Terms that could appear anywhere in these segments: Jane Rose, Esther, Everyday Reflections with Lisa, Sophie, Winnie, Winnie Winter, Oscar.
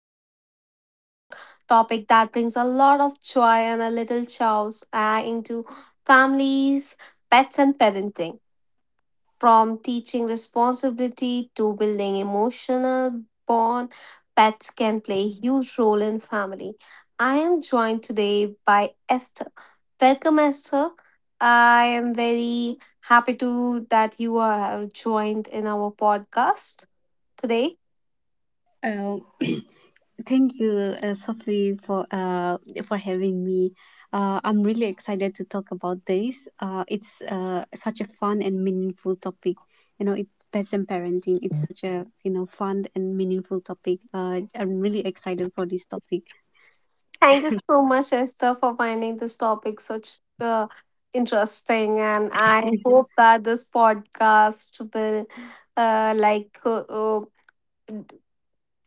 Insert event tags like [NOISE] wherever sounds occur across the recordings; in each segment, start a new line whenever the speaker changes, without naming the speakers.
going to talk about topic that brings a lot of joy and a little chaos into families, pets and parenting. From teaching responsibility to building emotional bond, pets can play a huge role in family. I am joined today by Esther. Welcome, Esther. I am very happy to that you are joined in our podcast today.
Oh, thank you, Sophie, for having me. I'm really excited to talk about this. It's such a fun and meaningful topic. It's pets and parenting. It's such a fun and meaningful topic. I'm really excited for this topic.
Thank you so much, Esther, for finding this topic such interesting, and I hope that this podcast will uh, like uh, uh,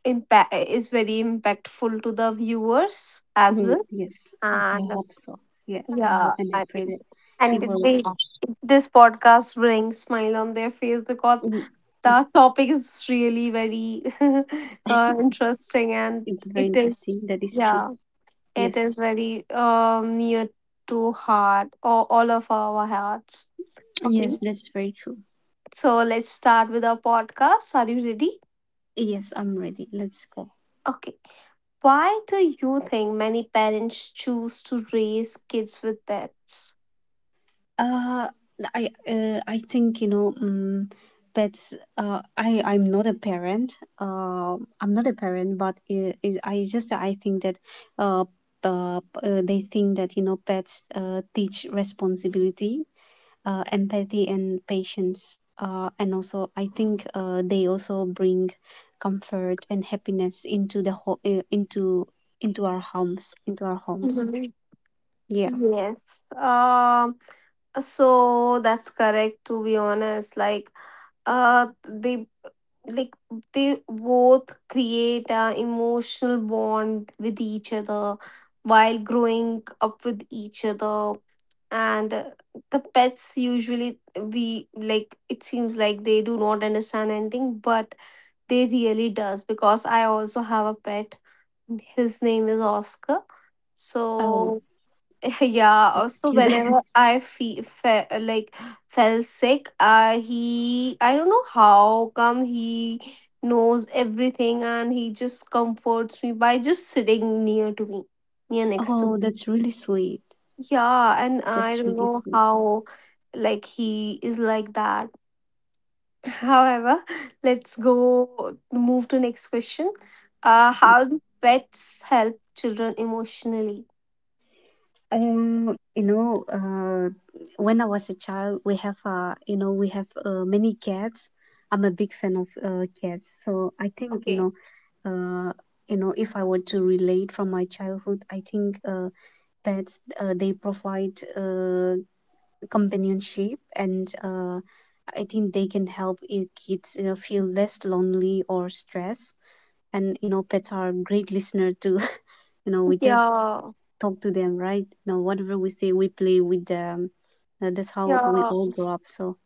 impact is very impactful to the viewers as
Mm,
well
yes, I
and
hope so. Yeah, I
yeah
hope and I
I
pray
mean
that it
and
will.
they this podcast brings smile on their face because
mm, mm,
the topic is really very [LAUGHS] interesting and
It's
it
very
is
interesting. That is true.
yeah it is
Yes,
very near to heart or all of our hearts. Okay,
yes, that's very true.
so let's start with our podcast. Are you ready?
Yes, I'm ready. Let's go.
Okay. Why do you think many parents choose to raise kids with pets?
Uh, I think, pets. I'm not a parent. I'm not a parent, but is I just I think that. uh, they think that pets teach responsibility, empathy and patience. And also I think they also bring comfort and happiness into into our homes, into our homes.
Mhm.
Yeah.
Yes. Um so that's correct, to be honest. Uh they like they both create a emotional bond with each other while growing up with each other, and the pets usually, we like it seems like they do not understand anything, but they really does, because I also have a pet. His name is Oscar.
Oh,
So [LAUGHS] yeah,
[LAUGHS]
also
you there?
whenever I feel fell sick, he, I don't know how come he knows everything, and he just comforts me by just sitting near to me, near next to me.
Oh, that's really sweet.
Yeah, and I
That's
don't
really
know
fun.
how, like he is like that. However, let's go move to next question. How do pets help children emotionally?
Um, you know, uh, when I was a child, we have, you know, we have many cats. I'm a big fan of cats, so I think,
Okay.
uh, if I were to relate from my childhood, I think pets they provide companionship, and I think they can help kids, feel less lonely or stressed. And pets are great listener too. [LAUGHS] You know, we just
Yeah,
talk to them, right? Now, whatever we say, we play with them. That's how we
yeah,
all grow up. So,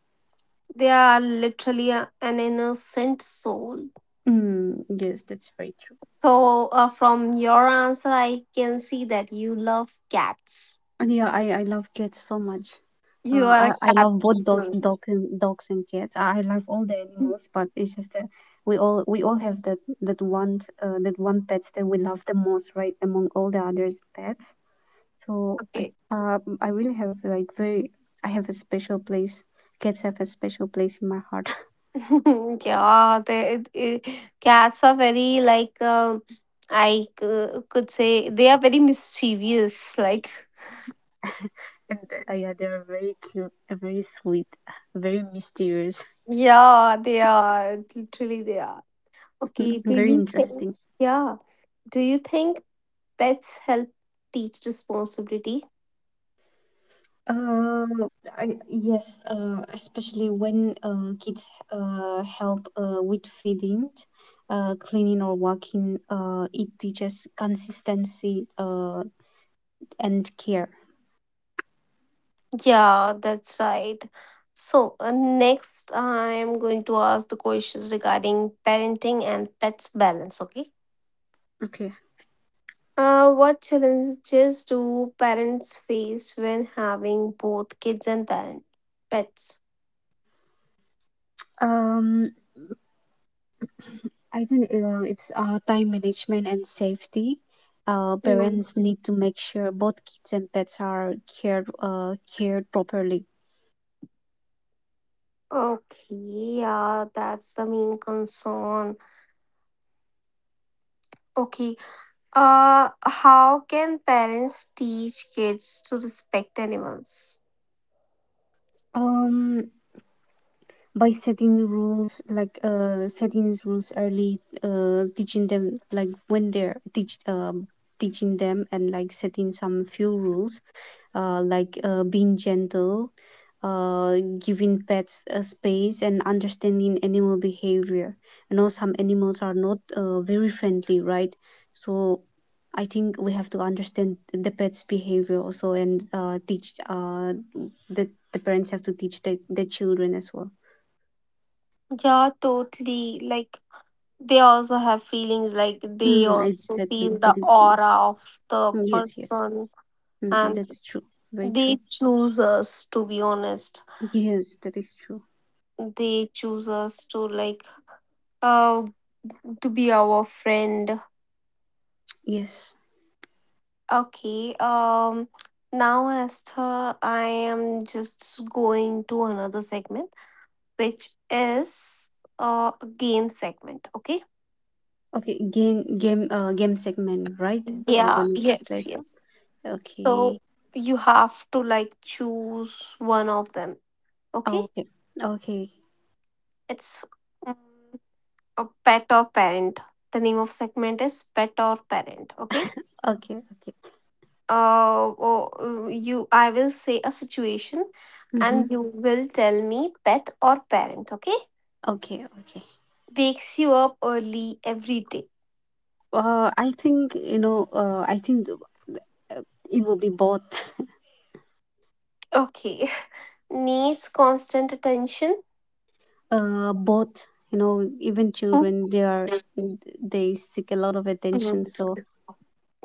they are literally an innocent soul.
mm, yes, that's very true.
So, from your answer, I can see that you love cats.
And yeah, I love cats so much.
You
Uh,
are a
I, I
cat
love both dogs,
person.
dogs and cats. I love all the animals, but it's just that we all have that one pets that we love the most, right, among all the others pets. So
Okay.
I really have like very I have a special place. Cats have a special place in my heart.
[LAUGHS] Yeah, cats are very like I could say they are very mischievous. Like,
[LAUGHS] And yeah, they're very cute, very sweet, very mysterious,
yeah, they are. Literally, they are. Okay,
[LAUGHS]
do
very
you think?
interesting.
Yeah. Do you think pets help teach responsibility?
Uh, yes, especially when kids help with feeding, cleaning, or walking, it teaches consistency and care.
Yeah, that's right. So, next, I'm going to ask the questions regarding parenting and pets balance, okay?
Okay.
What challenges do parents face when having both kids and parent pets?
Um, I think it's time management and safety.
Mm.
Parents need to make sure both kids and pets are cared properly.
Okay, yeah, that's the main concern. Okay, uh, how can parents teach kids to respect animals?
Um, by setting rules, like setting these rules early, teaching them, like, when they're teach teaching them and, like, setting some few rules, like being gentle, giving pets a space, and understanding animal behavior. You know, some animals are not very friendly, right? So I think we have to understand the pet's behavior also, and teach the parents have to teach the children as well.
Yeah, totally. Like, they also have feelings, like, they
Mm,
also
exactly,
feel the
that is, yes,
aura of the
yes, yes.
person,
Mm,
and
that's true, very true.
they choose us, to be honest.
Yes, that is true.
They choose us to, like, uh, to be our friend.
Yes.
Okay, now, Esther, I am just going to another segment, which is a game segment. Okay.
Okay, game segment, right? We're
Yeah.
gonna play
Yes.
some.
Yes. So
Okay,
you have to like choose one of them. Okay.
okay, okay,
It's mm, a pet or parent. The name of segment is pet or parent. Okay.
okay, okay.
Oh, you. I will say a situation,
Mm-hmm.
and you will tell me pet or parent. Okay.
Okay, okay.
Wakes you up early every day.
I think you know. I think uh, it will be both. [LAUGHS]
Okay. [LAUGHS] Needs constant attention.
Both. Even children, they seek a lot of attention.
Mhm.
So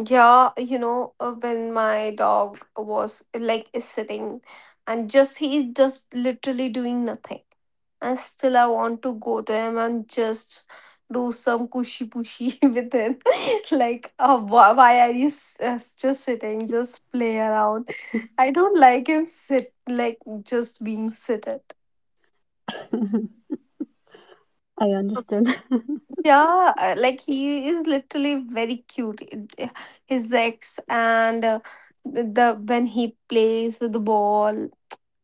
Yeah, you know, when my dog was is sitting and just he's just literally doing nothing. And still I want to go to him and just do some cushy pushy [LAUGHS] with him. [LAUGHS] Like, why are you just sitting? Just play around. I don't like him sit like just being seated.
[LAUGHS] I understand. [LAUGHS]
Yeah, like he is literally very cute. His ex and the when he plays with the ball,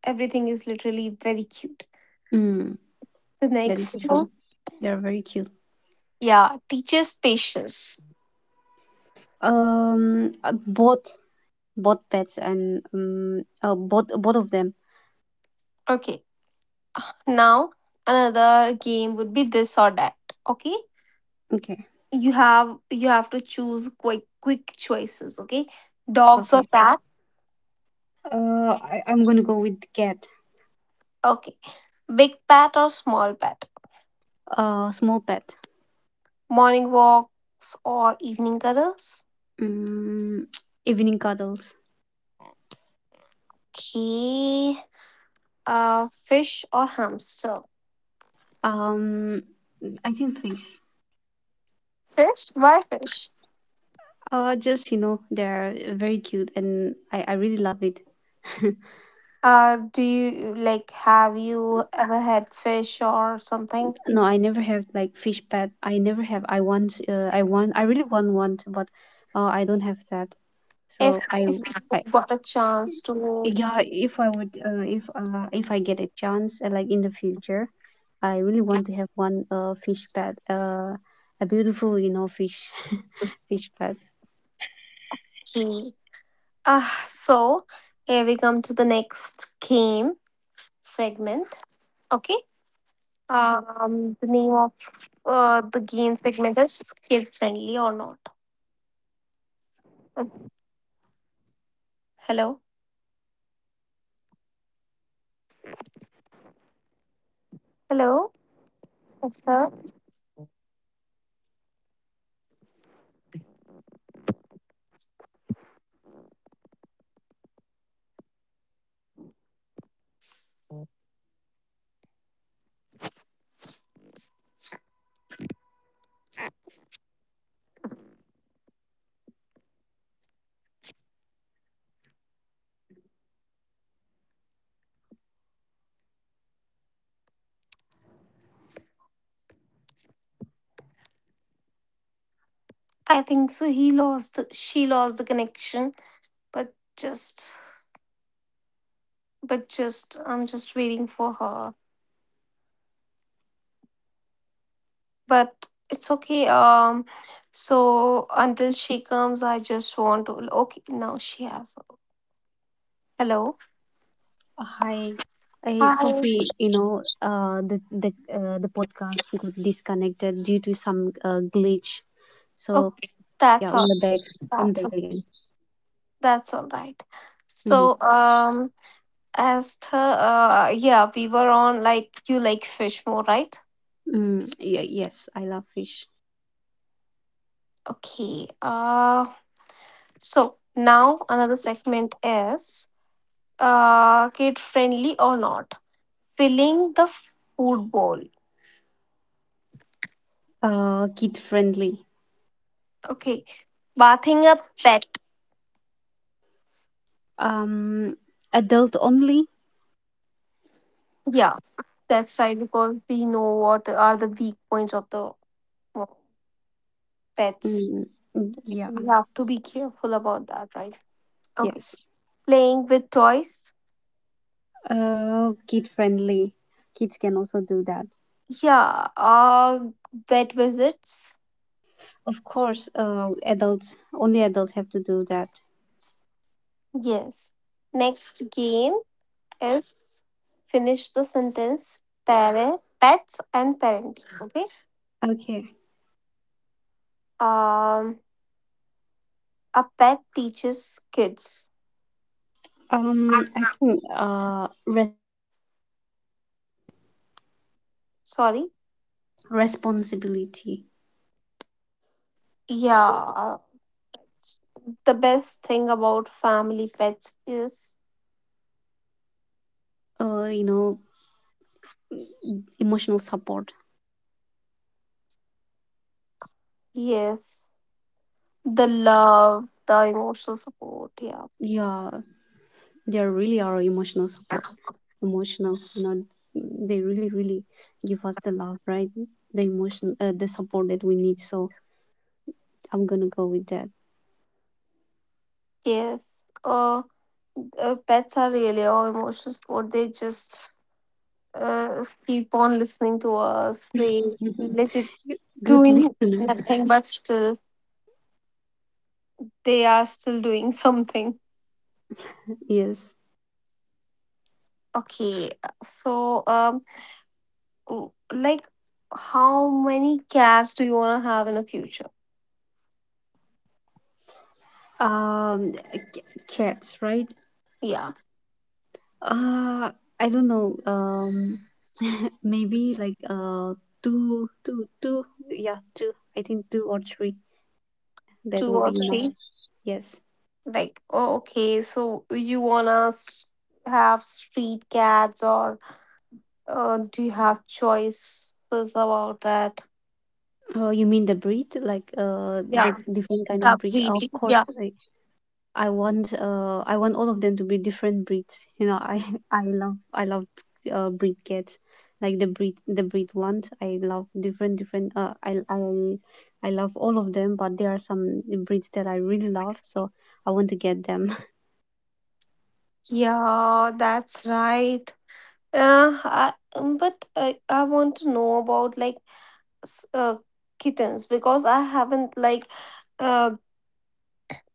everything is literally very cute.
Mm,
The
that is
next one,
true. They are very cute.
yeah, teaches patience.
Um, uh, both both pets and both of them.
Okay, now another game would be this or that. Okay,
Okay.
you have to choose quick choices. Okay, dogs or
Okay.
cat.
I'm gonna go with cat.
Okay, big pet or small pet.
Small pet.
Morning walks or evening cuddles.
Mm, [TSK] evening cuddles.
Okay, fish or hamster?
Um, I think fish.
Fish? Why fish?
Just You know, they're very cute, and I really love it. [LAUGHS]
Do you like have you ever had fish or something?
No, I never have like fish pet. I never have. I want. I want. I really want one, but I don't have that.
If
So I.
if
I
you got a chance to,
Yeah, if I get a chance, like in the future, I really want to have one fish pet, a beautiful, fish, [LAUGHS] fish pet.
okay. So here we come to the next game segment. Okay. The name of the game segment is kid friendly or not. Okay. Hello. Hello. Yes, sir. I think so. He lost. She lost the connection. But just but just I'm just waiting for her, but it's okay. So until she comes I just want to, okay, now she has. Hello. Hi.
Hey, hey, Sophie, the podcast got disconnected due to some
Okay, that's all.
glitch. So
That's all.
yeah, we're back.
That's
I'm
all
back
right.
again.
So, as
Hmm.
the yeah we were on, like you like fish more, right?
Mm, yeah, yes, I love fish.
Okay, so now another segment is kid friendly or not. Filling the food bowl.
Kid
Okay,
friendly.
bathing a pet.
Um, Adult only.
Yeah, that's right. Because we know what are the weak points of the uh, pets. Like, we have to be
Mm,
careful
mm,
about that,
yeah,
right? Okay, playing with toys.
yes. Kid friendly.
Yeah,
Kids can also do that.
vet visits.
Of course, adults only, adults have to do that.
Yes. Next game is finish the sentence. Parent, pets and parenting. Okay.
Okay.
Um, a pet teaches kids
I think
sorry.
responsibility.
Yeah, pets. The best thing about family pets is
uh, you know, Emotional support.
yes, the love, the emotional support. Yeah,
Yeah, there really are emotional support, emotional, they really, really give us the love, right? The support that we need. So I'm gonna go with that.
yes. Uh, pets are really our emotional support. They just keep on listening to us. They
[LAUGHS]
legit
Good
doing
listener,
nothing, but still they are still doing [LAUGHS] something.
[LAUGHS] yes.
Okay, so like, how many cats do you wanna have in the future?
Um, c- Cats, right?
Yeah.
Uh, I don't know. [LAUGHS] Maybe like two. Yeah, two. I think two or three. That
Two
will
or
be enough.
three.
Yes.
Like, oh, okay, so you wanna have street cats, or do you have choices about that?
Oh, you mean the breed, like
Yeah,
the different kind of
the
breed? Of
breeding.
course,
Yeah,
like I want all of them to be different breeds. I [LAUGHS] I love breed cats, like the breed ones. I love different. I love all of them, but there are some breeds that I really love, so I want to get them.
yeah, that's right. But I want to know about like s- uh, kittens because I haven't like uh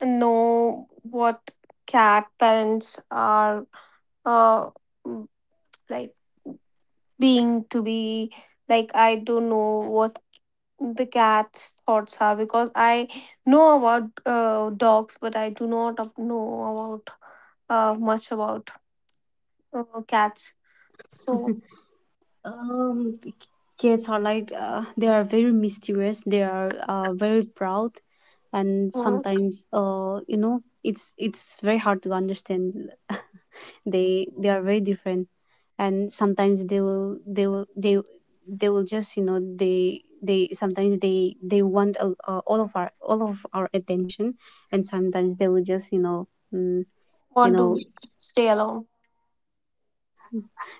know what cat parents are uh m- like being to be like, I don't know what the cat's thoughts are, because I know about dogs but I do not know about much about cats. So,
The kids are like, they are very mysterious. They are very proud, and
uh,
sometimes, it's very hard to understand. They are very different, and sometimes they will just, they sometimes they want, all of our attention, and sometimes they will just. Mm, you
want
know
to stay alone.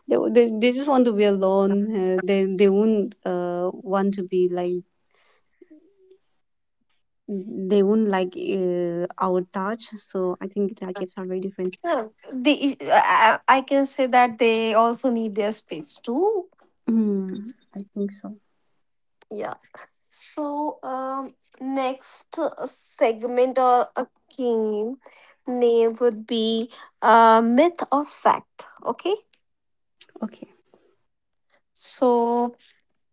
they just want to be alone. They wouldn't, want to be like. They would not like our touch, so I think the kids are very different.
Yeah, I can say that they also need their space too.
Mm, I think so.
Yeah. So, next segment or a game name would be myth or fact. Okay.
Okay.
So,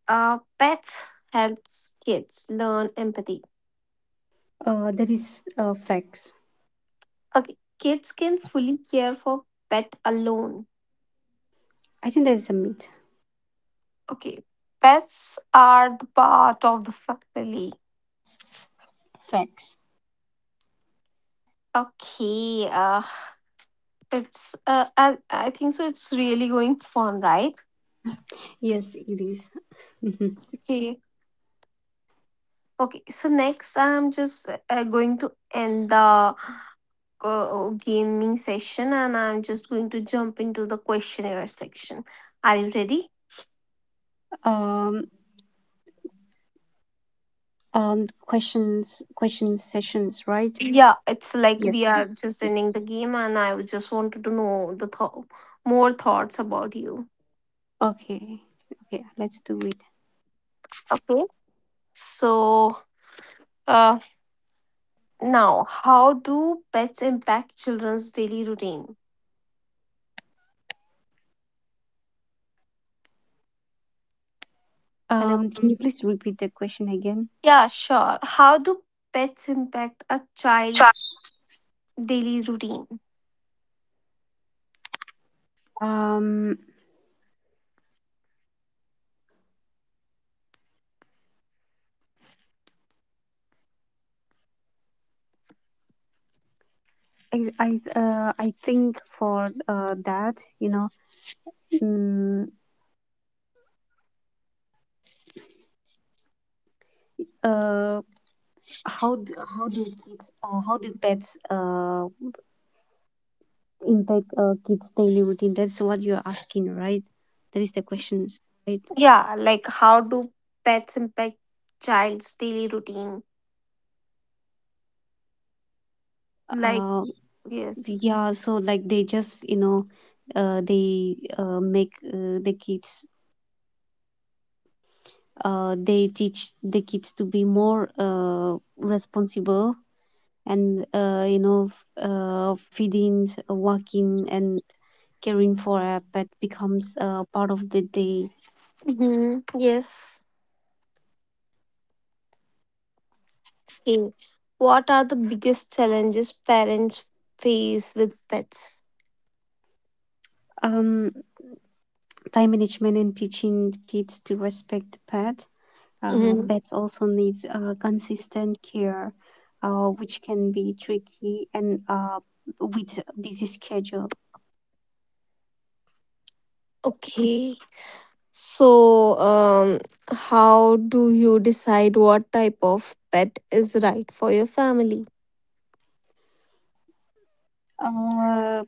pets helps kids learn empathy.
That is facts.
Okay, kids can fully care for pet alone.
I think that is a myth.
Okay, pets are the part of the family.
Facts.
Okay, it's I think so. It's really going fun, right?
Yes, it is. [LAUGHS] Mhm.
Okay. Okay, so next I'm just going to end the gaming session and I'm just going to jump into the questionnaire section. Are you ready?
Um, and questions, questions sessions, right?
Yeah, it's like we
Yes.
are just ending the game and I would just wanted to know the thought more thoughts about you.
Okay. Okay. Let's do it.
Okay. So uh now, how do pets impact children's daily routine? Hello.
Can you please repeat the question again?
Yeah, sure. How do pets impact a
Sure.
child's daily routine?
Um, I think, for that, you know, mm, uh, how how do kids, how do pets impact, kids' daily routine? That's what you're asking, right? That is the questions, right?
Yeah, like how do pets impact child's daily routine? Like,
uh,
yes.
yeah, so like, they just, they make the kids, they teach the kids to be more, responsible, and, feeding, walking, and caring for a pet becomes, part of the day.
Hmm. Yes. Okay. What are the biggest challenges parents face with pets?
um Time management and teaching kids to respect the pet.
Mhm.
Pets also needs consistent care, which can be tricky, and with busy schedule.
Okay. So, how do you decide what type of pet is right for your family?
Uh,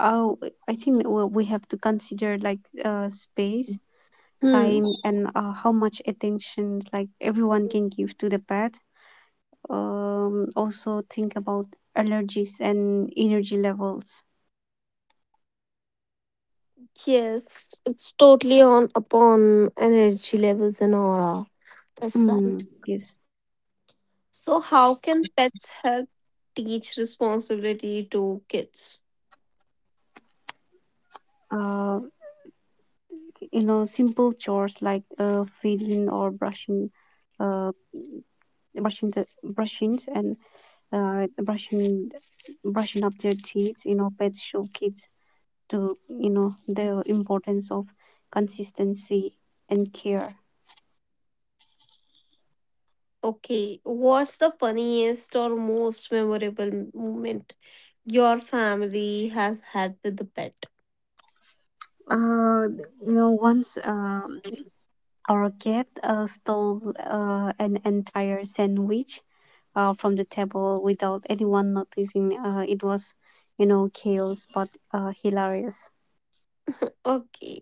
oh, I think we have to consider like, space,
Hmm.
time, and how much attention like everyone can give to the pet. Also think about allergies and energy levels.
Yes, it's totally on upon energy levels and aura. That's right.
Mm, yes.
So, how can pets help teach responsibility to kids?
Uh, Simple chores like feeding or uh brushing, and uh brushing brushing up their teeth. Pets show kids, to you know the importance of consistency and care.
Okay, what's the funniest or most memorable moment your family has had with the pet?
uh Once, our cat, stole an entire sandwich, from the table without anyone noticing. It was, chaos, but hilarious.
Okay.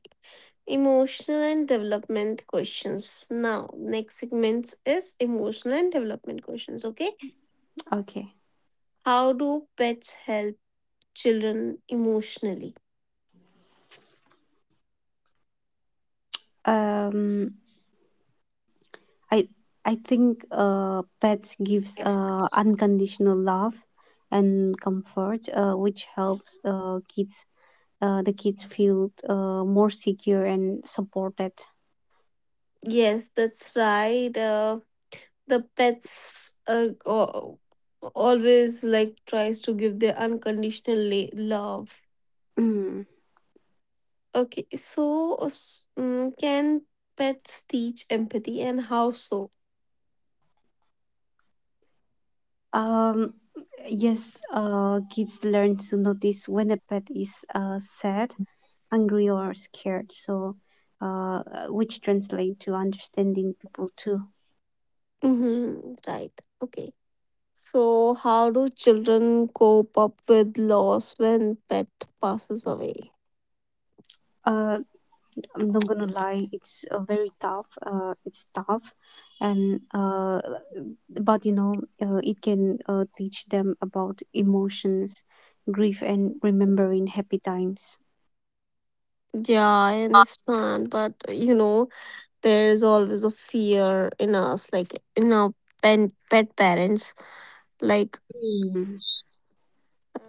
Emotional and development questions. Now, next segment is emotional and development questions. Okay.
Okay.
How do pets help children emotionally?
Um, I I think pets gives
Yes,
unconditional love and comfort, which helps kids the kids feel more secure and supported.
yes, that's right. The pets always like tries to give their unconditional love.
Mm.
Okay. So, can pets teach empathy, and how so?
Um, yes, kids learn to notice when a pet is sad, angry, or scared. So, uh, which translate to understanding people too.
Mm-hmm. Right. Okay. So, how do children cope up with loss when pet passes away?
Uh, I'm not gonna lie, it's very tough. It's tough, and but, it can teach them about emotions, grief, and remembering happy times.
Yeah, I understand, but you know, there is always a fear in us, like in our
Mm,
pet parents, like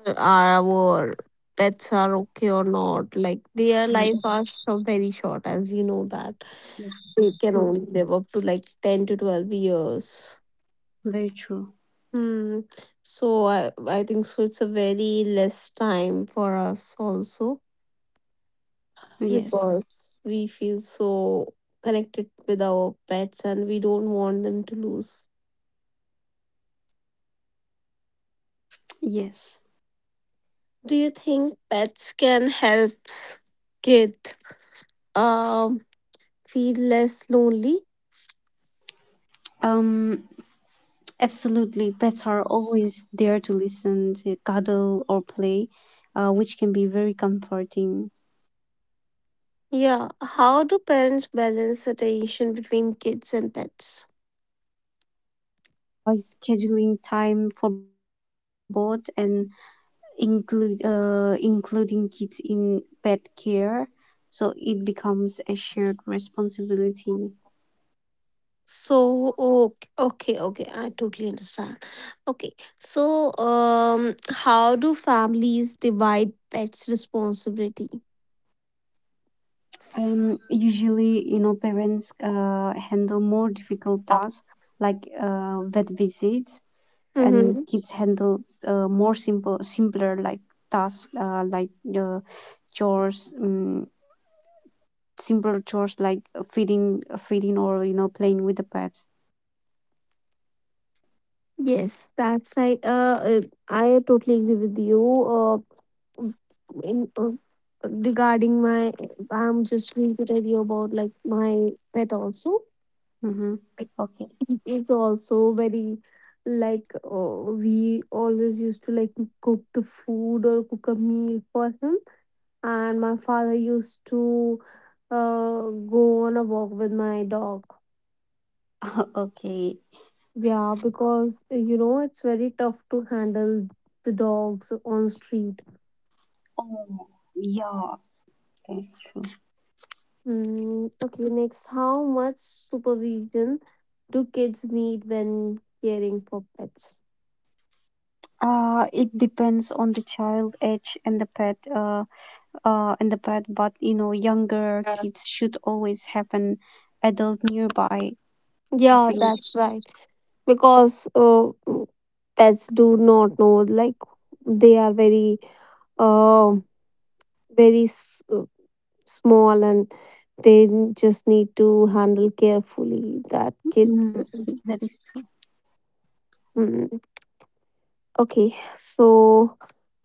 are our pets
mm,
are okay or not? Like their life are so very
that's
short, as you
true.
know that they can only live up to like ten to
Very
twelve
true.
years. Hmm. So I think so it's a very less time for us also
Yes,
because we feel so connected with our pets, and we don't want them to lose.
yes.
Do you think pets can help s- kid um feel less lonely?
Um, Absolutely. Pets are always there to listen, to cuddle, or play, which can be very comforting.
Yeah. How do parents balance attention between kids and pets?
By scheduling time for both, and include including kids in pet care, so it becomes a shared responsibility.
So okay, okay, okay, I totally understand. Okay, so how do families divide pets' responsibility?
Usually, parents handle more difficult tasks, like vet visits, and
Mm-hmm.
kids handle more simpler like tasks, like uh, chores, simpler chores like feeding feeding or playing with the pet.
Yes, that's right. I totally agree with you. Uh, in uh, regarding my, I'm just going to tell you about like my pet also.
Mm-hmm. Okay.
It's also very like, we always used to like cook the food or cook a meal for him, and my father used to uh, go on a walk with my dog.
[LAUGHS] Okay.
Yeah, because you know it's very tough to handle the dogs on street.
Oh, yeah, that's.
Mm, okay, next, how much supervision do kids need when caring for pets?
It depends on the child age and the pet, but, younger
Yeah,
kids should always have an adult nearby. I
yeah
think,
that's right. Because pets do not know, like they are very uh very s- uh, small, and they just need to handle carefully that kids.
mm, that is,
Mm, okay, so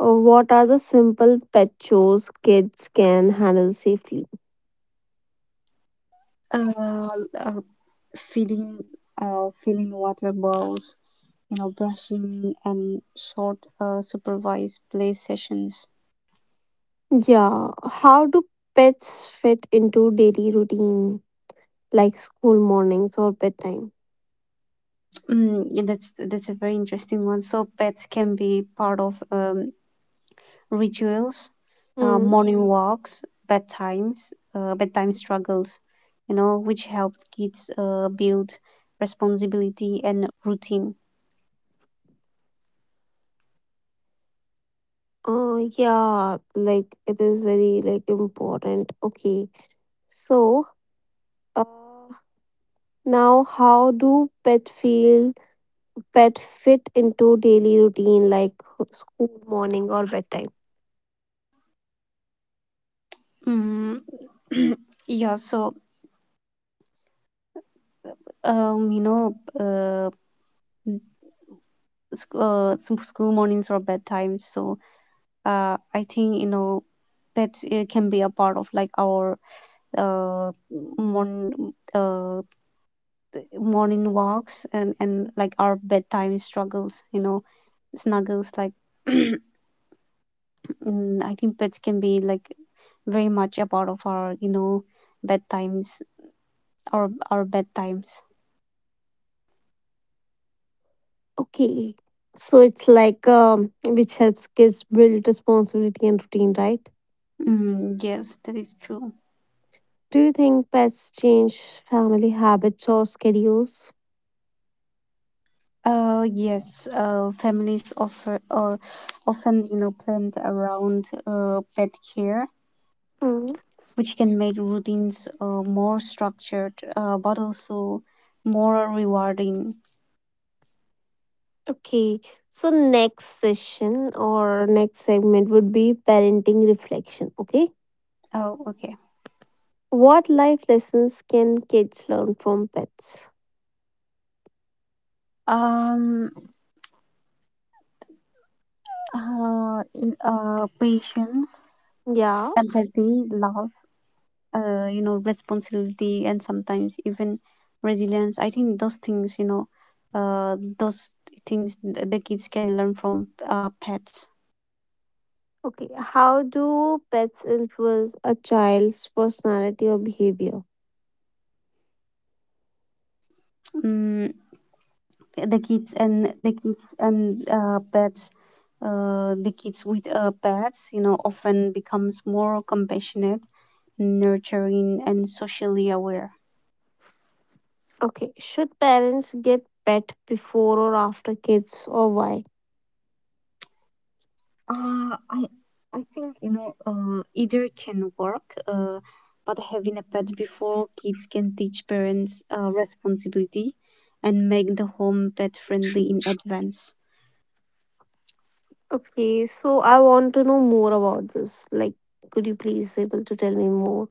what are the simple pet chores kids can handle safely?
uh, uh, feeding, filling water bowls, brushing, and short, supervised play sessions.
Yeah, how do pets fit into daily routine like school mornings or bedtime?
Mm, yeah, that's a very interesting one. So pets can be part of rituals,
Hmm.
morning walks, bedtimes, bedtime struggles, which helped kids build responsibility and routine.
Yeah, like it is very like important. Okay, so uh, now how do pet feel. Pet fit into daily routine like school morning or bedtime.
Mm, [CLEARS THROAT] yeah, so um, you know, uh, some school mornings or bedtime. So I think bed can be a part of like our uh morning uh morning walks and like our bedtime struggles. Snuggles like [CLEARS THROAT] I think pets can be like very much a part of our bedtimes, our bedtimes.
Okay, so it's like, which helps kids build responsibility and routine, right?
Mm, yes, that is true.
Do you think pets change family habits or schedules?
Yes, families offer often planned around pet care,
Hmm.
which can make routines more structured, but also more rewarding.
Okay, so next session or next segment would be parenting reflection. Okay,
Oh, okay.
what life lessons can kids learn from pets?
um Patience,
Yeah.
empathy, love, responsibility, and sometimes even resilience. I think those things, uh, those the kids can learn from pets.
Okay, how do pets influence a child's personality or behavior?
Mm, the kids and the kids and The kids with pets, often becomes more compassionate, nurturing, and socially aware.
Okay, should parents get pet before or after kids or why?
Uh, I I think either can work, but having a pet before kids can teach parents responsibility and make the home pet friendly in advance.
Okay, so I want to know more about this. Like, could you please able to tell me more?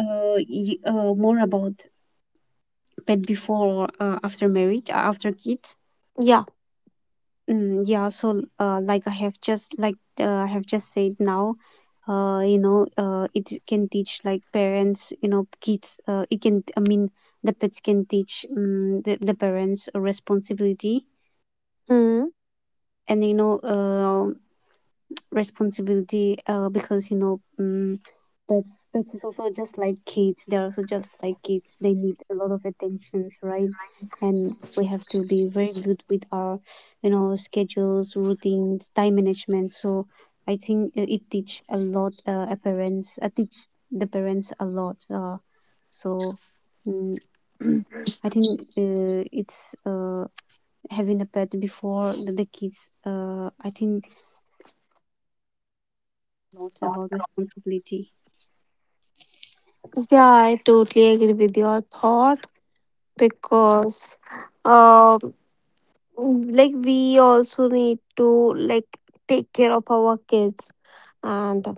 More about pet before or after marriage, after kids.
Yeah.
Yeah, so like, I have just said now. It can teach like parents, you know, kids. It can, I mean, the pets can teach the parents a responsibility,
Hmm.
and responsibility, because pets is also just like kids, they need a lot of attentions, right? And we have to be very good with our schedules, routines, time management. So I think, it teach a lot a parents I teach the parents a lot, so mm, [CLEARS THROAT] I think, it's having a pet before the kids, I think lot about responsibility.
Yeah, I totally agree with your thought, because, um, like, we also need to, like, take care of our kids, and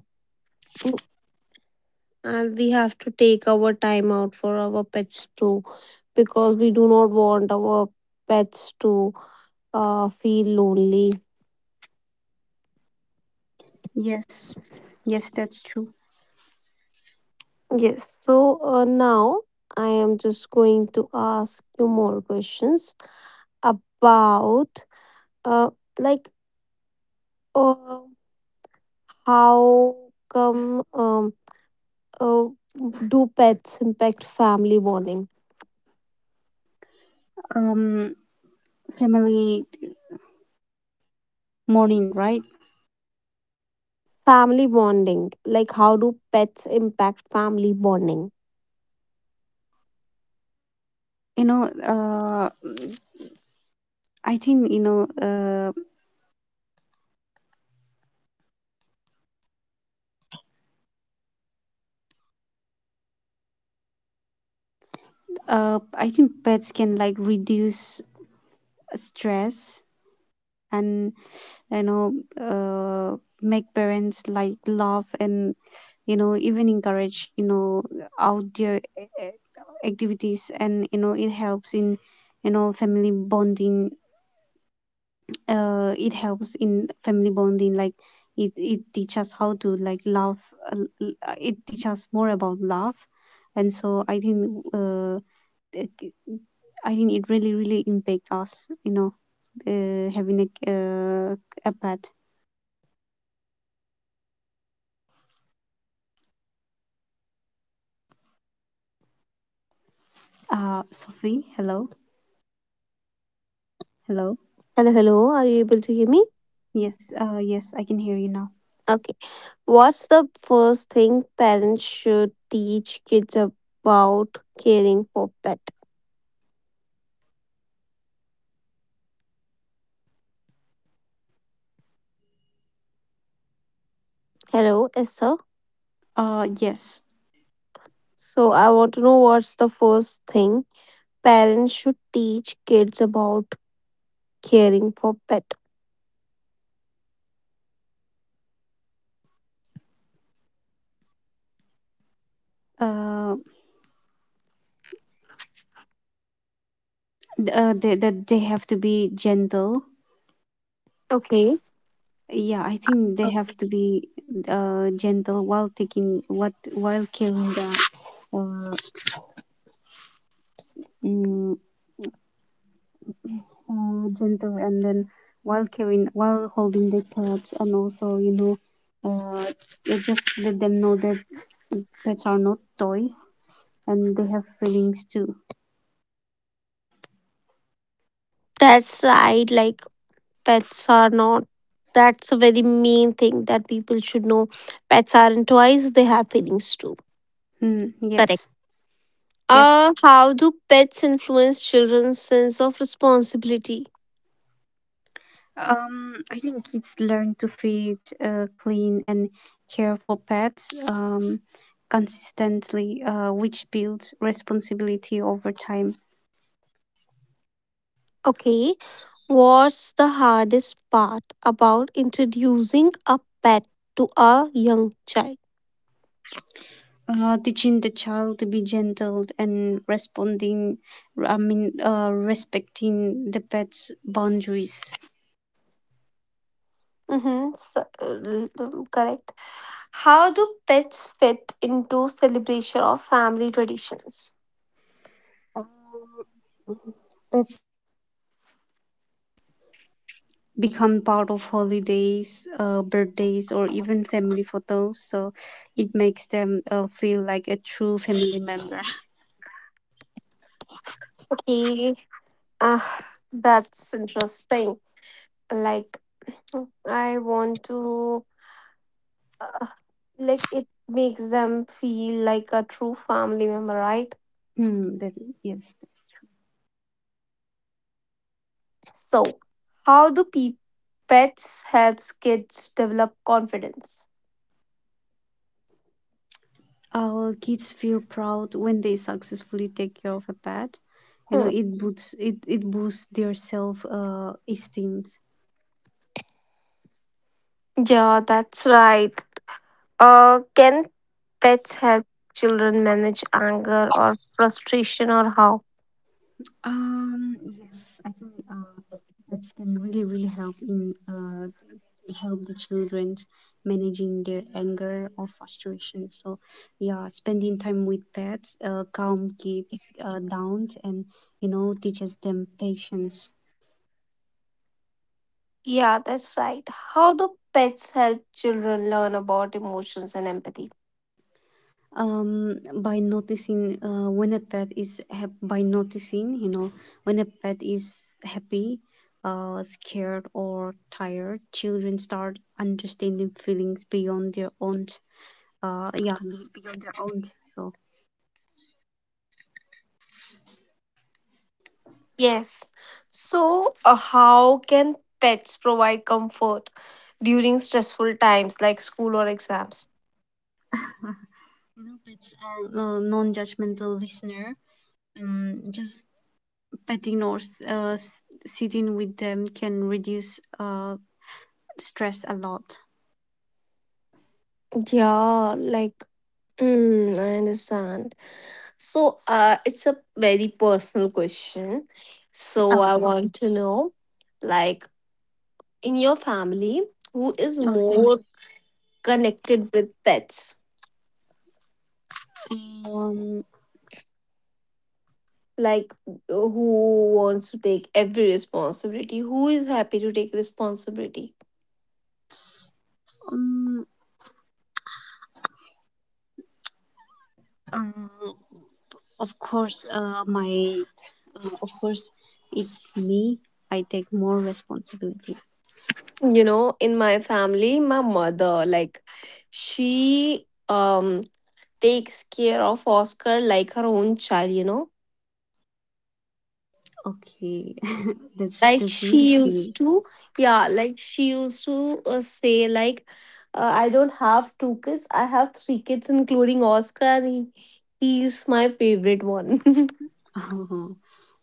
we have to take our time out for our pets too, because we do not want our pets to feel lonely.
Yes, yes, that's true.
Yes, so now I am just going to ask you more questions about, uh, like, uh, how come, uh, do pets impact family bonding?
Um, Family morning, right?
Family bonding, like, how do pets impact family bonding?
You know, uh, I think, pets can like reduce stress, and you know, uh, make parents like love, and even encourage outdoor activities, and it helps in family bonding. It helps in family bonding, like it teaches us how to like love, uh, it teaches us more about love. And so I think, it- I think it really really impact us, having a pet. Sophie? Hello? Hello?
Hello, hello, are you able to hear me?
Yes, yes, I can hear you now.
Okay. What's the first thing parents should teach kids about caring for pet? Hello, Esther.
uh yes
So I want to know what's the first thing parents should teach kids about caring for pet.
uh, that they have to be gentle.
Okay.
Yeah, I think they have to be gentle while taking what while carrying the, uh, mm, gentle, and then while holding the pets. And also, uh, yeah, just let them know that pets are not toys and they have feelings too.
That's right. Like, pets are not that's a very main thing that people should know. Pets aren't toys, they have feelings too.
Mm,
Correct.
yes, yes.
How do pets influence children's sense of responsibility?
I think kids learn to feed, clean, and care for pets consistently, which builds responsibility over time.
Okay, what's the hardest part about introducing a pet to a young child?
Teaching the child to be gentle and responding, I mean, respecting the pet's boundaries.
Mm-hmm. So, correct. How do pets fit into celebration of family traditions?
Um, Pets become part of holidays, birthdays, or even family photos, so it makes them feel like a true family member.
Okay, uh, that's interesting. Like, I want to, uh, like, it makes them feel like a true family member, right?
Hmm, that, yes.
So, how do pets helps kids develop confidence?
Our kids feel proud when they successfully take care of a pet. You know,
Hmm.
it boosts their self esteem.
Yeah, that's right. Can pets help children manage anger or frustration, or how?
Yes, I think pets can really really help in, help the children managing their anger or frustration. So yeah, spending time with pets calm kids down, and teaches them patience.
Yeah, that's right. How do pets help children learn about emotions and empathy?
By noticing, when a pet is hap- by noticing, when a pet is happy, scared, or tired, children start understanding feelings beyond their own, beyond their own. So,
Yes. So, how can pets provide comfort during stressful times like school or exams?
pets are non-judgmental listener. Just petting or sitting with them can reduce stress a lot.
Yeah, like, I understand. So, it's a very personal question. So, I
Okay.
want to know, like, in your family, who is
Okay.
more connected with pets?
um,
Like, who wants to take every responsibility? Who is happy to take responsibility?
um, Um. Of course, my of course, it's me. I take more responsibility.
You know, in my family, my mother, like, she takes care of Oscar like her own child, you know.
Okay, [LAUGHS] that's
like
that's really
she
cute.
used to yeah like she used to say, like, I don't have two kids, I have three kids including Oscar, and he, he's my favorite one.
[LAUGHS] Oh,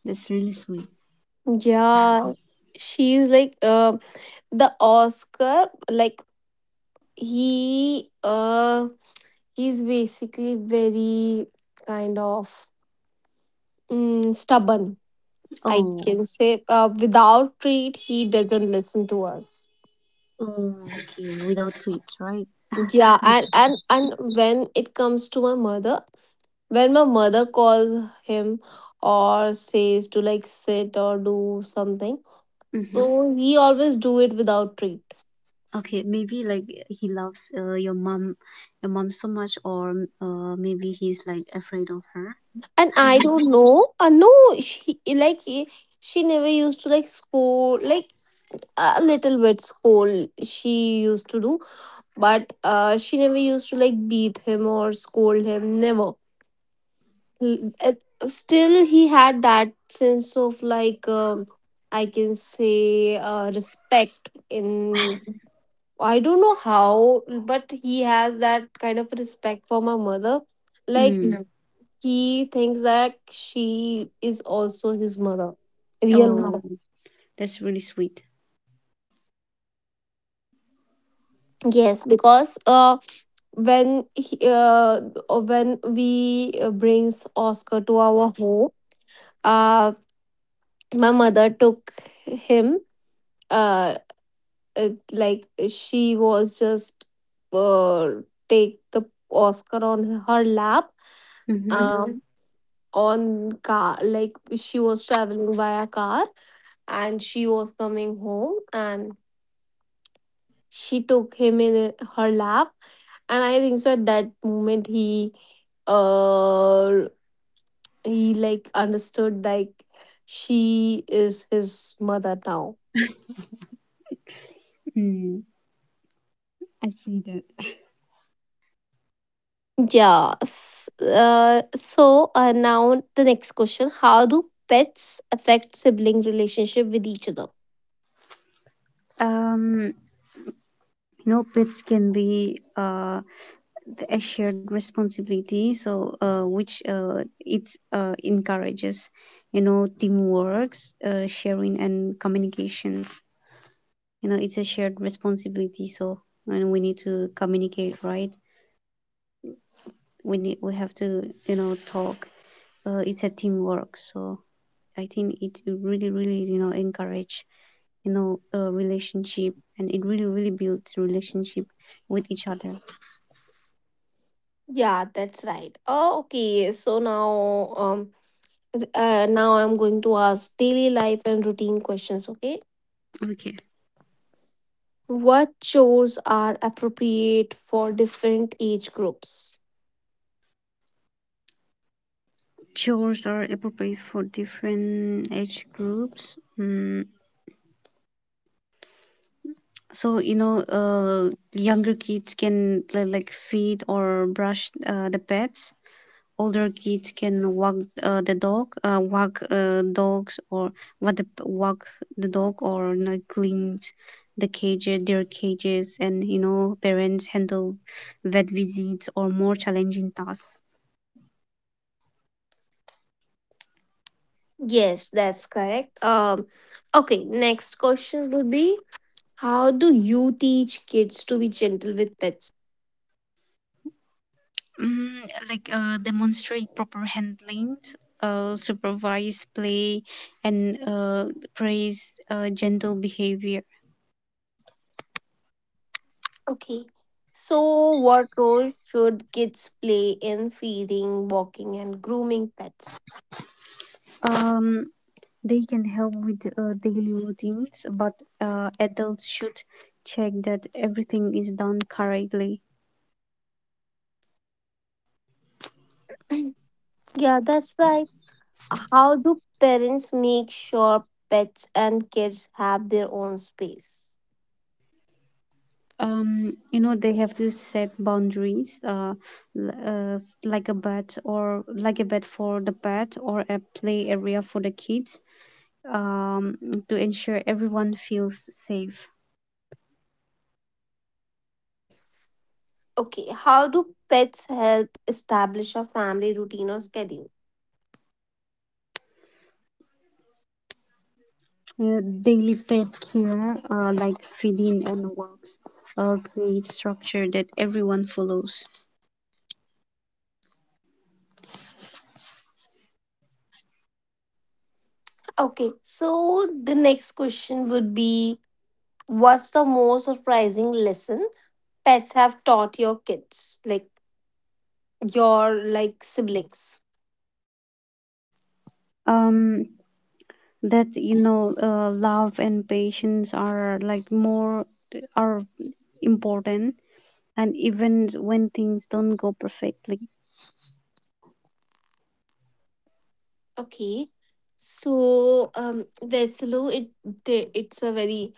that's really sweet.
[LAUGHS] Yeah,
[LAUGHS]
she's like, the Oscar, like, he uh he's basically very, kind of, stubborn, I
Oh,
can say. Without treat he doesn't listen to us.
okay, without kids, right?
Yeah, and
[LAUGHS]
and and when it comes to my mother, when my mother calls him or says to, like, sit or do something, so
Mm-hmm.
he always do it without treat.
Okay, maybe like he loves your mom, so much, or maybe he's like afraid of her.
And I
[LAUGHS]
don't know. No, she, like, she never used to, like, scold, like a little bit scold she used to do, but she never used to, like, beat him or scold him. Never. Still he had that sense of, like, I can say, respect in. I don't know how, but he has that kind of respect for my mother, like.
Mm.
Yeah, he thinks that she is also his mother, real
Oh,
mother.
that's really sweet.
Yes, because when he, uh, when we brings Oscar to our home, uh my mother took him, uh like, she was just, uh, take the Oscar on her lap,
Mm-hmm.
Mhm. On car, like, she was traveling via car, and she was coming home, and she took him in her lap, and I think so at that moment uh he, like, understood, like, she is his mother now.
Mm, I see that.
Yeah. So now the next question: how do pets affect sibling relationship with each other?
Um, you know, pets can be a shared responsibility, so which it encourages teamwork, sharing, and communications. It's a shared responsibility, so and we need to communicate, right? We have to talk. It's a teamwork, so I think it really really encourage, a relationship, and it really really builds relationship with each other.
Yeah, that's right. Oh, okay. So now, um, now I'm going to ask daily life and routine questions. Okay.
Okay,
What chores are appropriate for different age groups?
chores are appropriate for different age groups. So, younger kids can like feed or brush the pets. Older kids can walk walk dogs, or walk the dog, or like know, clean their cages, and parents handle vet visits or more challenging tasks.
Yes, that's correct. Okay. Next question would be: how do you teach kids to be gentle with pets?
Mm, like, demonstrate proper handling, supervise play, and praise gentle behavior.
Okay. So, what role should kids play in feeding, walking, and grooming pets?
Um, they can help with daily routines, but adults should check that everything is done correctly.
[CLEARS THROAT] Yeah, that's right. How do parents make sure pets and kids have their own space?
They have to set boundaries, like a bed or like a bed for the pet, or a play area for the kids, um, to ensure everyone feels safe.
Okay, how do pets help establish a family routine or schedule?
Daily pet care, like feeding and walks, create structure that everyone follows.
Okay, so the next question would be: what's the most surprising lesson pets have taught your kids, like, your, like, siblings?
Um, that, love and patience are like, more are important, and even when things don't go perfectly.
Okay. So, Veslu, it's a very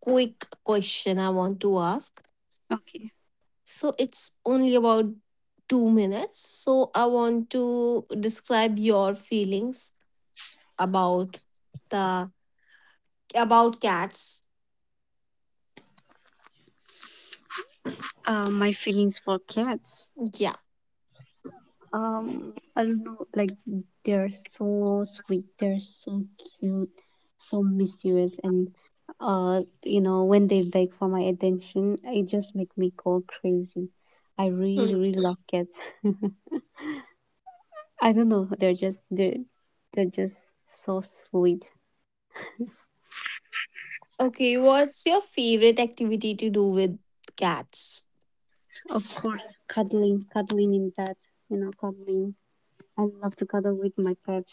quick question I want to ask.
Okay.
So it's only about 2 minutes. So I want to describe your feelings about the about cats.
My feelings for cats.
Yeah.
I don't know, like they're so sweet, they're so cute, so mysterious, and when they beg for my attention, it just make me go crazy. I
Hmm.
really, really love cats. [LAUGHS] I don't know, they're just so sweet.
Okay. What's your favorite activity to do with cats?
Of course, cuddling, cuddling in bed, cuddling. I love to cuddle with my pet.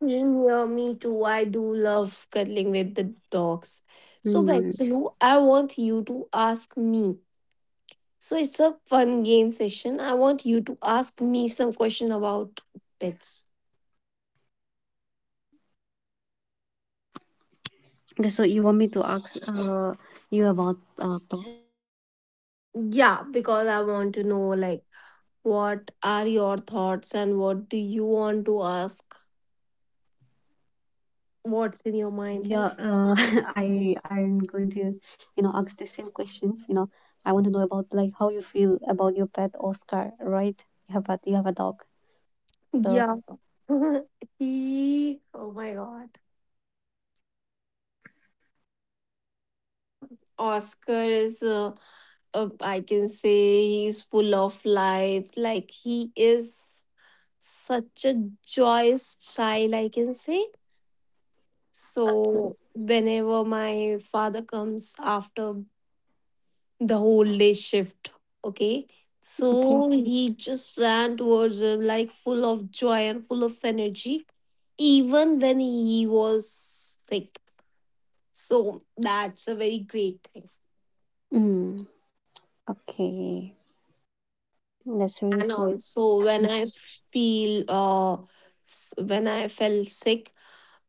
Same here, me too. I do love cuddling with the dogs. So,
Hmm.
Veslu, I want you to ask me. So it's a fun game session. I want you to ask me some question about pets.
Okay, so you want me to ask you about
Yeah, because I want to know, like, what are your thoughts and what do you want to ask?
Yeah, [LAUGHS] I'm going
What's
to,
in your mind, like?
ask the same questions. You know, I want to know about, like, how you feel about your pet Oscar, right? You have a dog, so.
Yeah. [LAUGHS] he Oh my god. Uh, Oscar is, I can say he's full of life. Like, he is such a joyous child, I can say.
Okay,
So whenever my father comes after the whole day shift, okay,
okay,
so he just ran towards him, like, full of joy and full of energy, even when he was sick. So that's a very great thing.
mm, okay. That's really
And
sweet.
also feel uh when I felt sick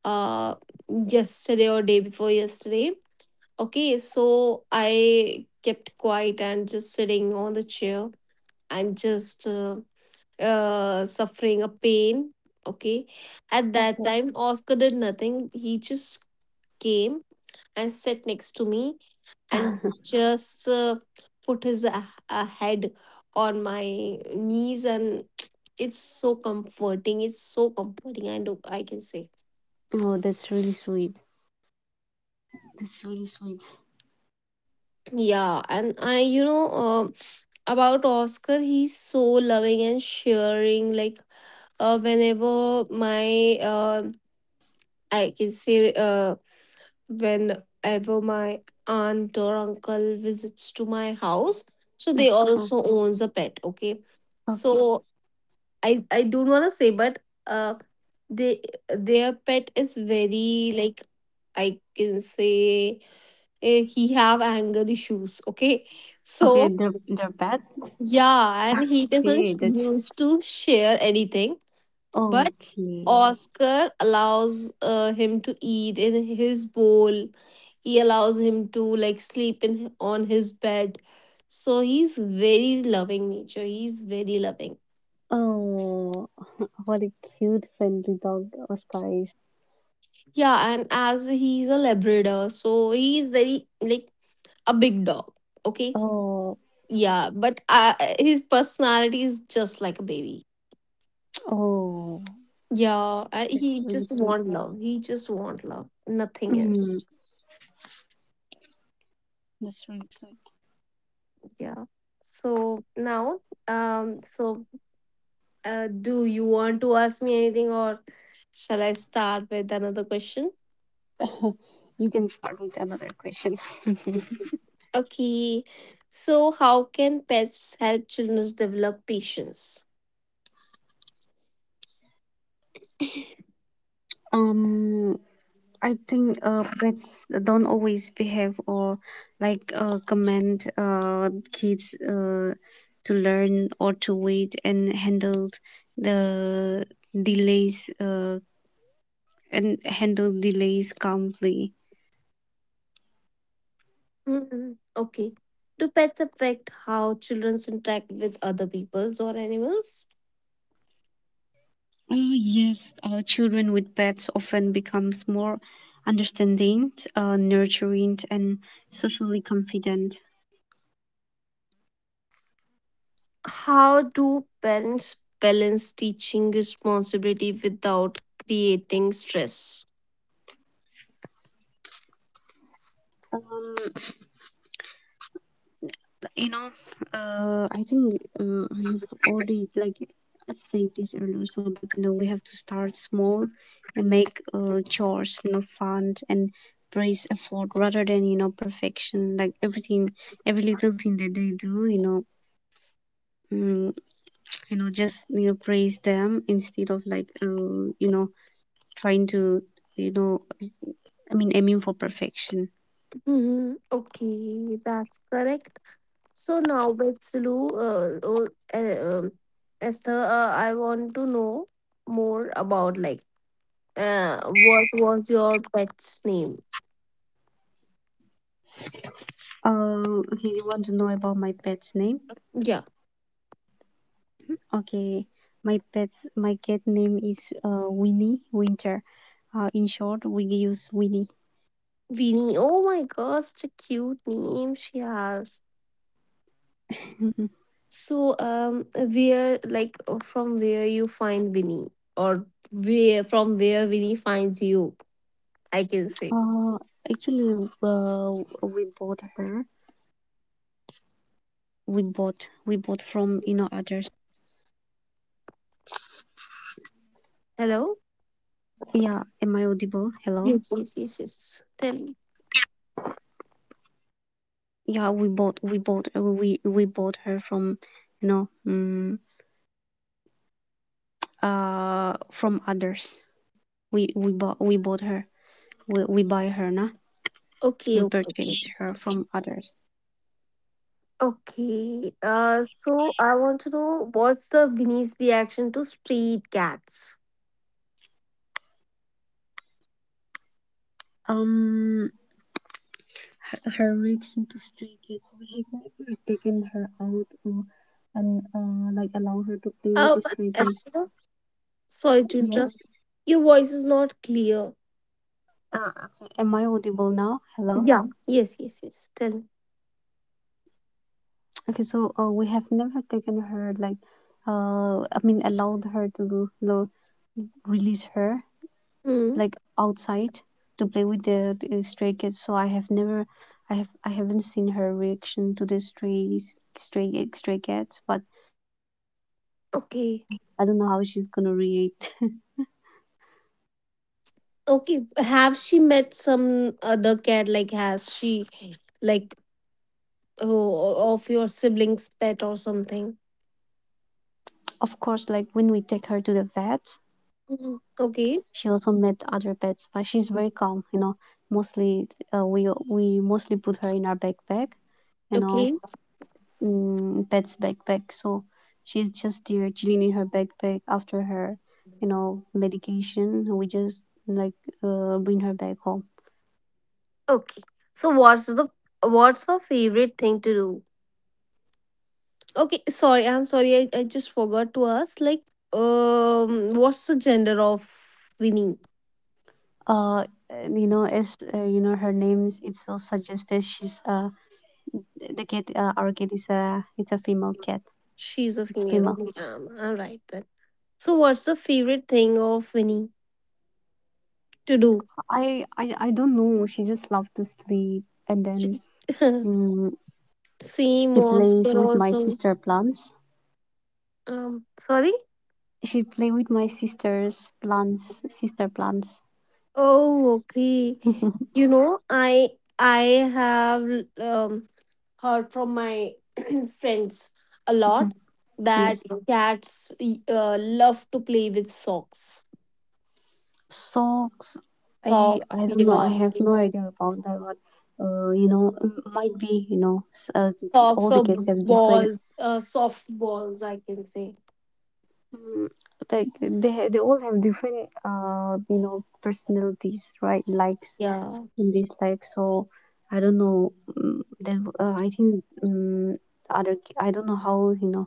uh yesterday or day before yesterday, okay, so I kept quiet and just sitting on the chair, and just suffering a pain. Okay, at that
Okay.
time, Oscar did nothing. He just came and sat next to me and
[LAUGHS]
just put his, head on my knees, and [TSK] it's so comforting. It's so comforting. I know, I can say.
Oh, that's really sweet. That's really sweet.
Yeah, and I, you know. About Oscar, he's so loving and sharing. Like, whenever my I can say, whenever my aunt or uncle visits to my house, so they
Okay,
also owns a pet. Okay,
okay,
so I don't wanna say, but uh, they, their pet is very, like, I can say, he have anger issues. Okay,
okay.
so,
They're bad.
yeah, and he doesn't
Okay, that's
used to share anything, but
okay.
Oscar allows him to eat in his bowl. He allows him to, like, sleep in on his bed. So he's very loving nature. He's very loving.
Oh, [LAUGHS] what a cute, friendly dog Oscar is.
Yeah, and as he's a Labrador, so he's very like a big dog. Okay.
Oh.
Yeah, but his personality is just like a baby.
Oh,
Yeah,
that's
he
really
just
sweet.
want love. He just want love. Nothing
Mm,
else.
that's really sweet.
Yeah. So now, so do you want to ask me anything, or shall I start with another question?
You can start with another question. [LAUGHS]
Okay. So how can pets help children develop patience? [LAUGHS]
Um, I think pets don't always behave or, like, command kids to learn or to wait and the delays uh, handle delays calmly.
Mm, okay. Do pets affect how children interact with other peoples or animals?
Oh, yes, children with pets often becomes more understanding, nurturing, and socially confident.
How do parents balance teaching responsibility without creating stress?
Um, you know, I think, I have already like I said this earlier, so but we have to start small and make chores, fun, and praise effort rather than perfection. Like everything, every little thing that they do, mm, just, praise them, instead of, trying to, you know, I mean, aiming for perfection.
Hmm. Okay, that's correct. So now, Betsulu, oh, uh, um, Esther, I want to know more about, like, what was your pet's name?
Okay, you want to know about my pet's name?
Yeah,
Okay, my cat name is Winnie Winter. In short, we use Winnie.
Vinny. Oh my gosh, such a cute name she has.
[LAUGHS]
So, where, like, from where you find Winnie, or where from where Winnie finds you, I can say.
uh, actually, uh, we bought her. We bought we bought from others.
Hello.
Yeah, am I audible? Hello.
Yes, yes, yes, yes. Tell me.
Yeah, we bought her from you know um, from others. We bought her. We buy her, nah?
Okay,
We
okay,
purchase
okay.
her from others.
Okay. So I want to know what's the Winnie's reaction to street cats.
Um, Her reach to stray kids. We have never taken her out, or, and like, allow her to play with the
Um,
stray kids.
Esther, [LAUGHS] sorry to
Yes.
interrupt. Your voice is not clear.
Okay. Am I audible now? Hello.
Yeah. Yes, yes, yes. Tell me.
Okay. So, we have never taken her, like, I mean, allowed her to, you know, release her,
Hmm.
like, outside to play with the stray kids. So, I have never, I have, I haven't seen her reaction to the, stray cats. But
Okay.
I don't know how she's gonna react.
Okay, have she met some other cat? Like, has she, like, oh, of your siblings' pet or something?
[LAUGHS] Of course, like when we take her to the vet,
Mhm.
she
Okay,
also met other pets, but she's very calm. Mostly, we mostly put her in our backpack. You know,
okay,
Pet's backpack. So she's just there chilling in her backpack after her, medication. We just, bring her back home.
okay. So what's her favorite thing to do? Okay. Sorry, I'm sorry. I just forgot to ask. Like, what's the gender of Winnie?
Uh, as, her name is, it's so suggested, she's the cat. Our cat is, a it's a female cat.
She's a
It's
female.
female.
Okay, all right then. So, what's the favorite thing of Winnie to do?
I don't know. She just loves to sleep, and then,
She- [LAUGHS]
mm,
Same
she plays
Oscar
with my
also.
sister plants.
Sorry?
She play with my sister's plants, sister plants.
Oh, okay. You know, I have, um, heard from my [CLEARS THROAT] friends a lot
[LAUGHS]
that
Yes,
cats, love to play with socks.
socks. I
Socks,
don't know. I
yeah.
have no idea about that. What, might be,
Socks
all the
or
kids have different.
balls, soft balls, I can say.
Mm. Like, they all have different personalities, right? Likes
Yeah.
and dislikes. So I don't know. Then, I think, I don't know how,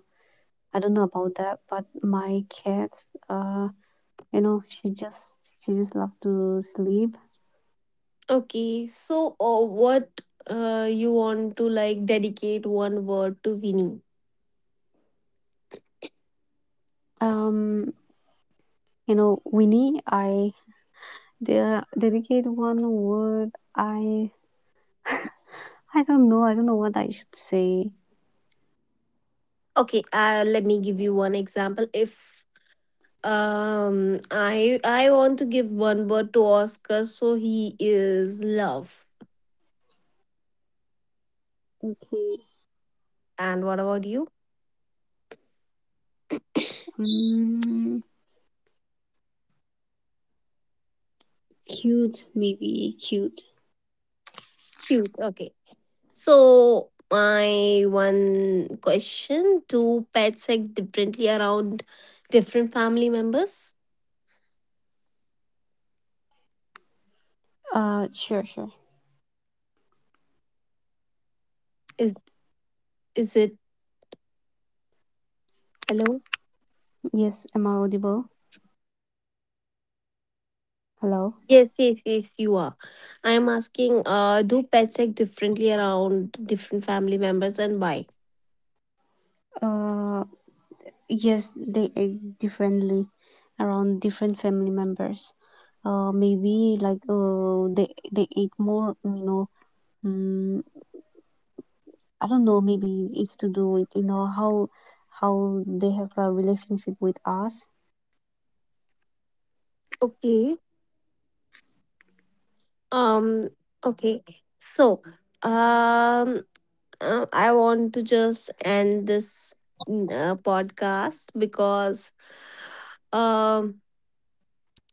I don't know about that. But my cats, you know, she just she just love to sleep.
Okay. So, what you want to, like, dedicate one word to Winnie?
Um, You know, Winnie, I dedicate one word. I [LAUGHS] I don't know. I don't know what I should say.
Okay, let me give you one example. If I want to give one word to Oscar, so he is love.
Okay.
And what about you?
Mm, cute, maybe cute.
Cute. Okay. So my one question: do pets act differently around different family members?
Sure, sure.
Is is it, hello?
Yes, am I audible? Hello.
Yes, yes, yes. You are. I am asking. Do pets act differently around different family members, and why?
Uh, yes, they act differently around different family members. Maybe, they ate more. Mm, I don't know, maybe it's to do with, you know, how they have a relationship with us.
Okay. Um. Okay. So. Um. I want to just end this, podcast, because um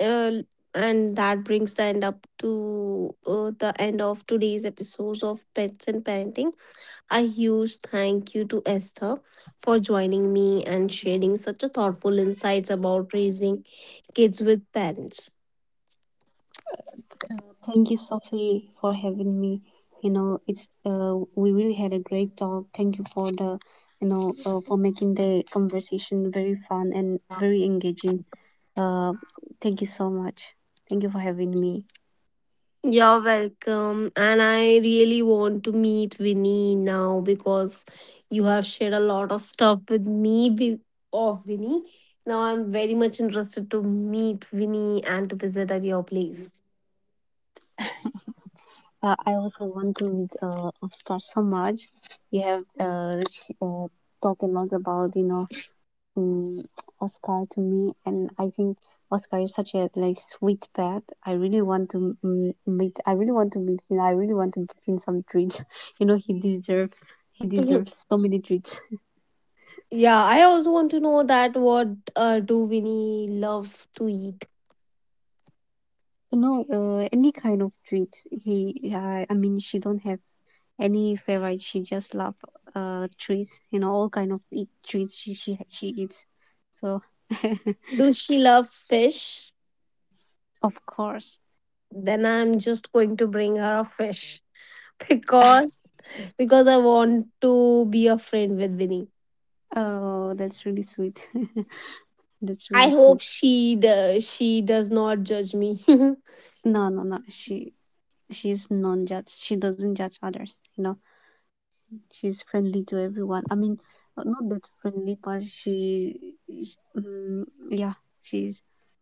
uh, and that brings the end up to the end of today's episodes of pets and parenting. A huge thank you to Esther for joining me and sharing such a thoughtful insights about raising kids with parents.
Uh, Thank you, Sophie, for having me. You know, it's we really had a great talk. Thank you for the, for making the conversation very fun and very engaging. Uh, Thank you so much. Thank you for having me.
You're welcome. And I really want to meet Winnie now, because you have shared a lot of stuff with me, of Winnie. Now I'm very much interested to meet Winnie and to visit at your place.
I also want to meet Oscar so much. You have, uh, sh- uh, talked a lot about, you know, mm, Oscar to me, and I think Oscar is such a, like, sweet pet. I really want to, mm, meet. I really want to meet him. I really want to give him some treats. [LAUGHS] You know, he deserves. He
[LAUGHS] Mhm.
deserves so many treats.
Yeah, I also want to know that what do Winnie love to eat?
You know, any kind of treats. He. I mean, she don't have any favorite. She just love treats. You know, all kind of treats, she eats. So,
Do she love fish?
[LAUGHS] of course.
Then I'm just going to bring her a fish [LAUGHS]
[LAUGHS]
because, I want to be a friend with Winnie.
Oh, that's really sweet. [LAUGHS] That's
I
really
hope
sweet.
she does not judge me. [LAUGHS]
No, no, no. She's non-judge. She doesn't judge others. You know, she's friendly to everyone. I mean, not that friendly, but she, sh mm, yeah, she's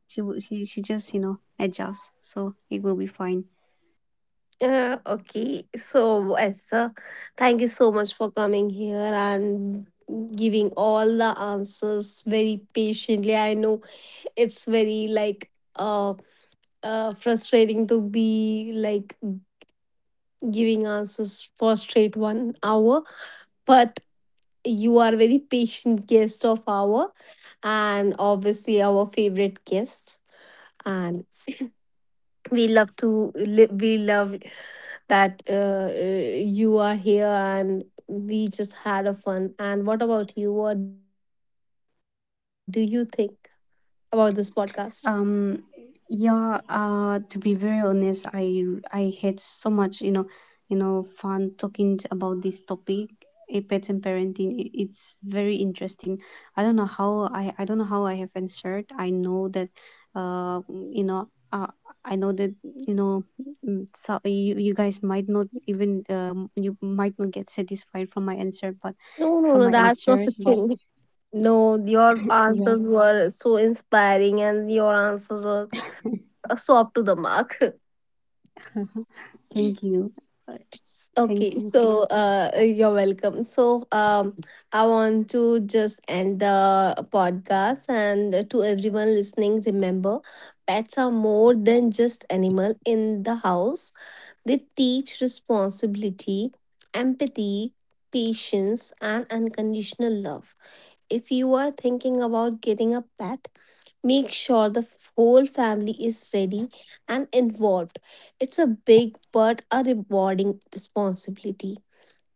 she w- she just, adjusts, so it will be fine.
Okay, so, yes, sir, thank you so much for coming here and giving all the answers very patiently. I know it's very, like, uh, frustrating to be like giving answers for straight 1 hour, but you are very patient guest of our, and obviously our favorite guest, and we love that, you are here, and we just had a fun. And what about you? What do you think about this podcast?
Um, yeah, to be very honest, I had so much, fun talking about this topic, pets and parenting. It's very interesting. I don't know how, I have answered. I know that, uh, you know, uh, I know that, you guys might not even, you might not get satisfied from my answer,
No, no, no, that's not the
but
thing. [LAUGHS] No, your
yeah,
answers were so inspiring, and your answers were so up to the mark.
thank you. Uh,
[LAUGHS]
Thank
Okay,
you.
so, you're welcome. So, I want to just end the podcast, and to everyone listening, remember, pets are more than just animal in the house. They teach responsibility, empathy, patience, and unconditional love. If you are thinking about getting a pet, make sure the whole family is ready and involved. It's a big but a rewarding responsibility.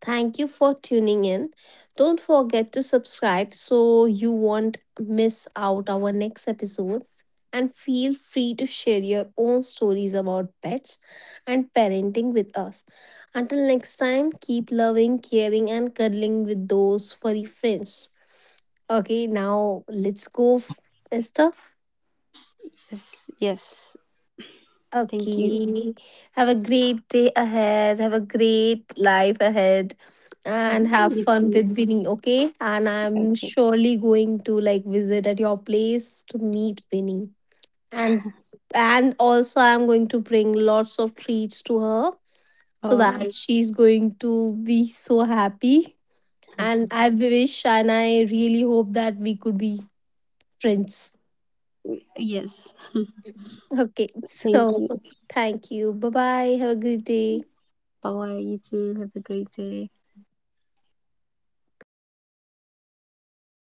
Thank you for tuning in. Don't forget to subscribe, so you won't miss out our next episode, and feel free to share your own stories about pets and parenting with us. Until next time, keep loving, caring, and cuddling with those furry friends. Okay, now let's go, Esther.
Yes, yes. Thank you.
Okay. Have a great day ahead. Have a great life ahead. And
Mhm.
have
You
fun
too.
with Winnie, okay? And I'm
Okay.
surely going to, like, visit at your place to meet Winnie. And and also I'm going to bring lots of treats to her, so
Oh,
that she's going to be so happy. And I wish and I really hope that we could be friends.
yes.
Okay. [LAUGHS]
Thank
So
you.
thank you. Bye, bye. Have a great day.
Bye. You too. Have a great day.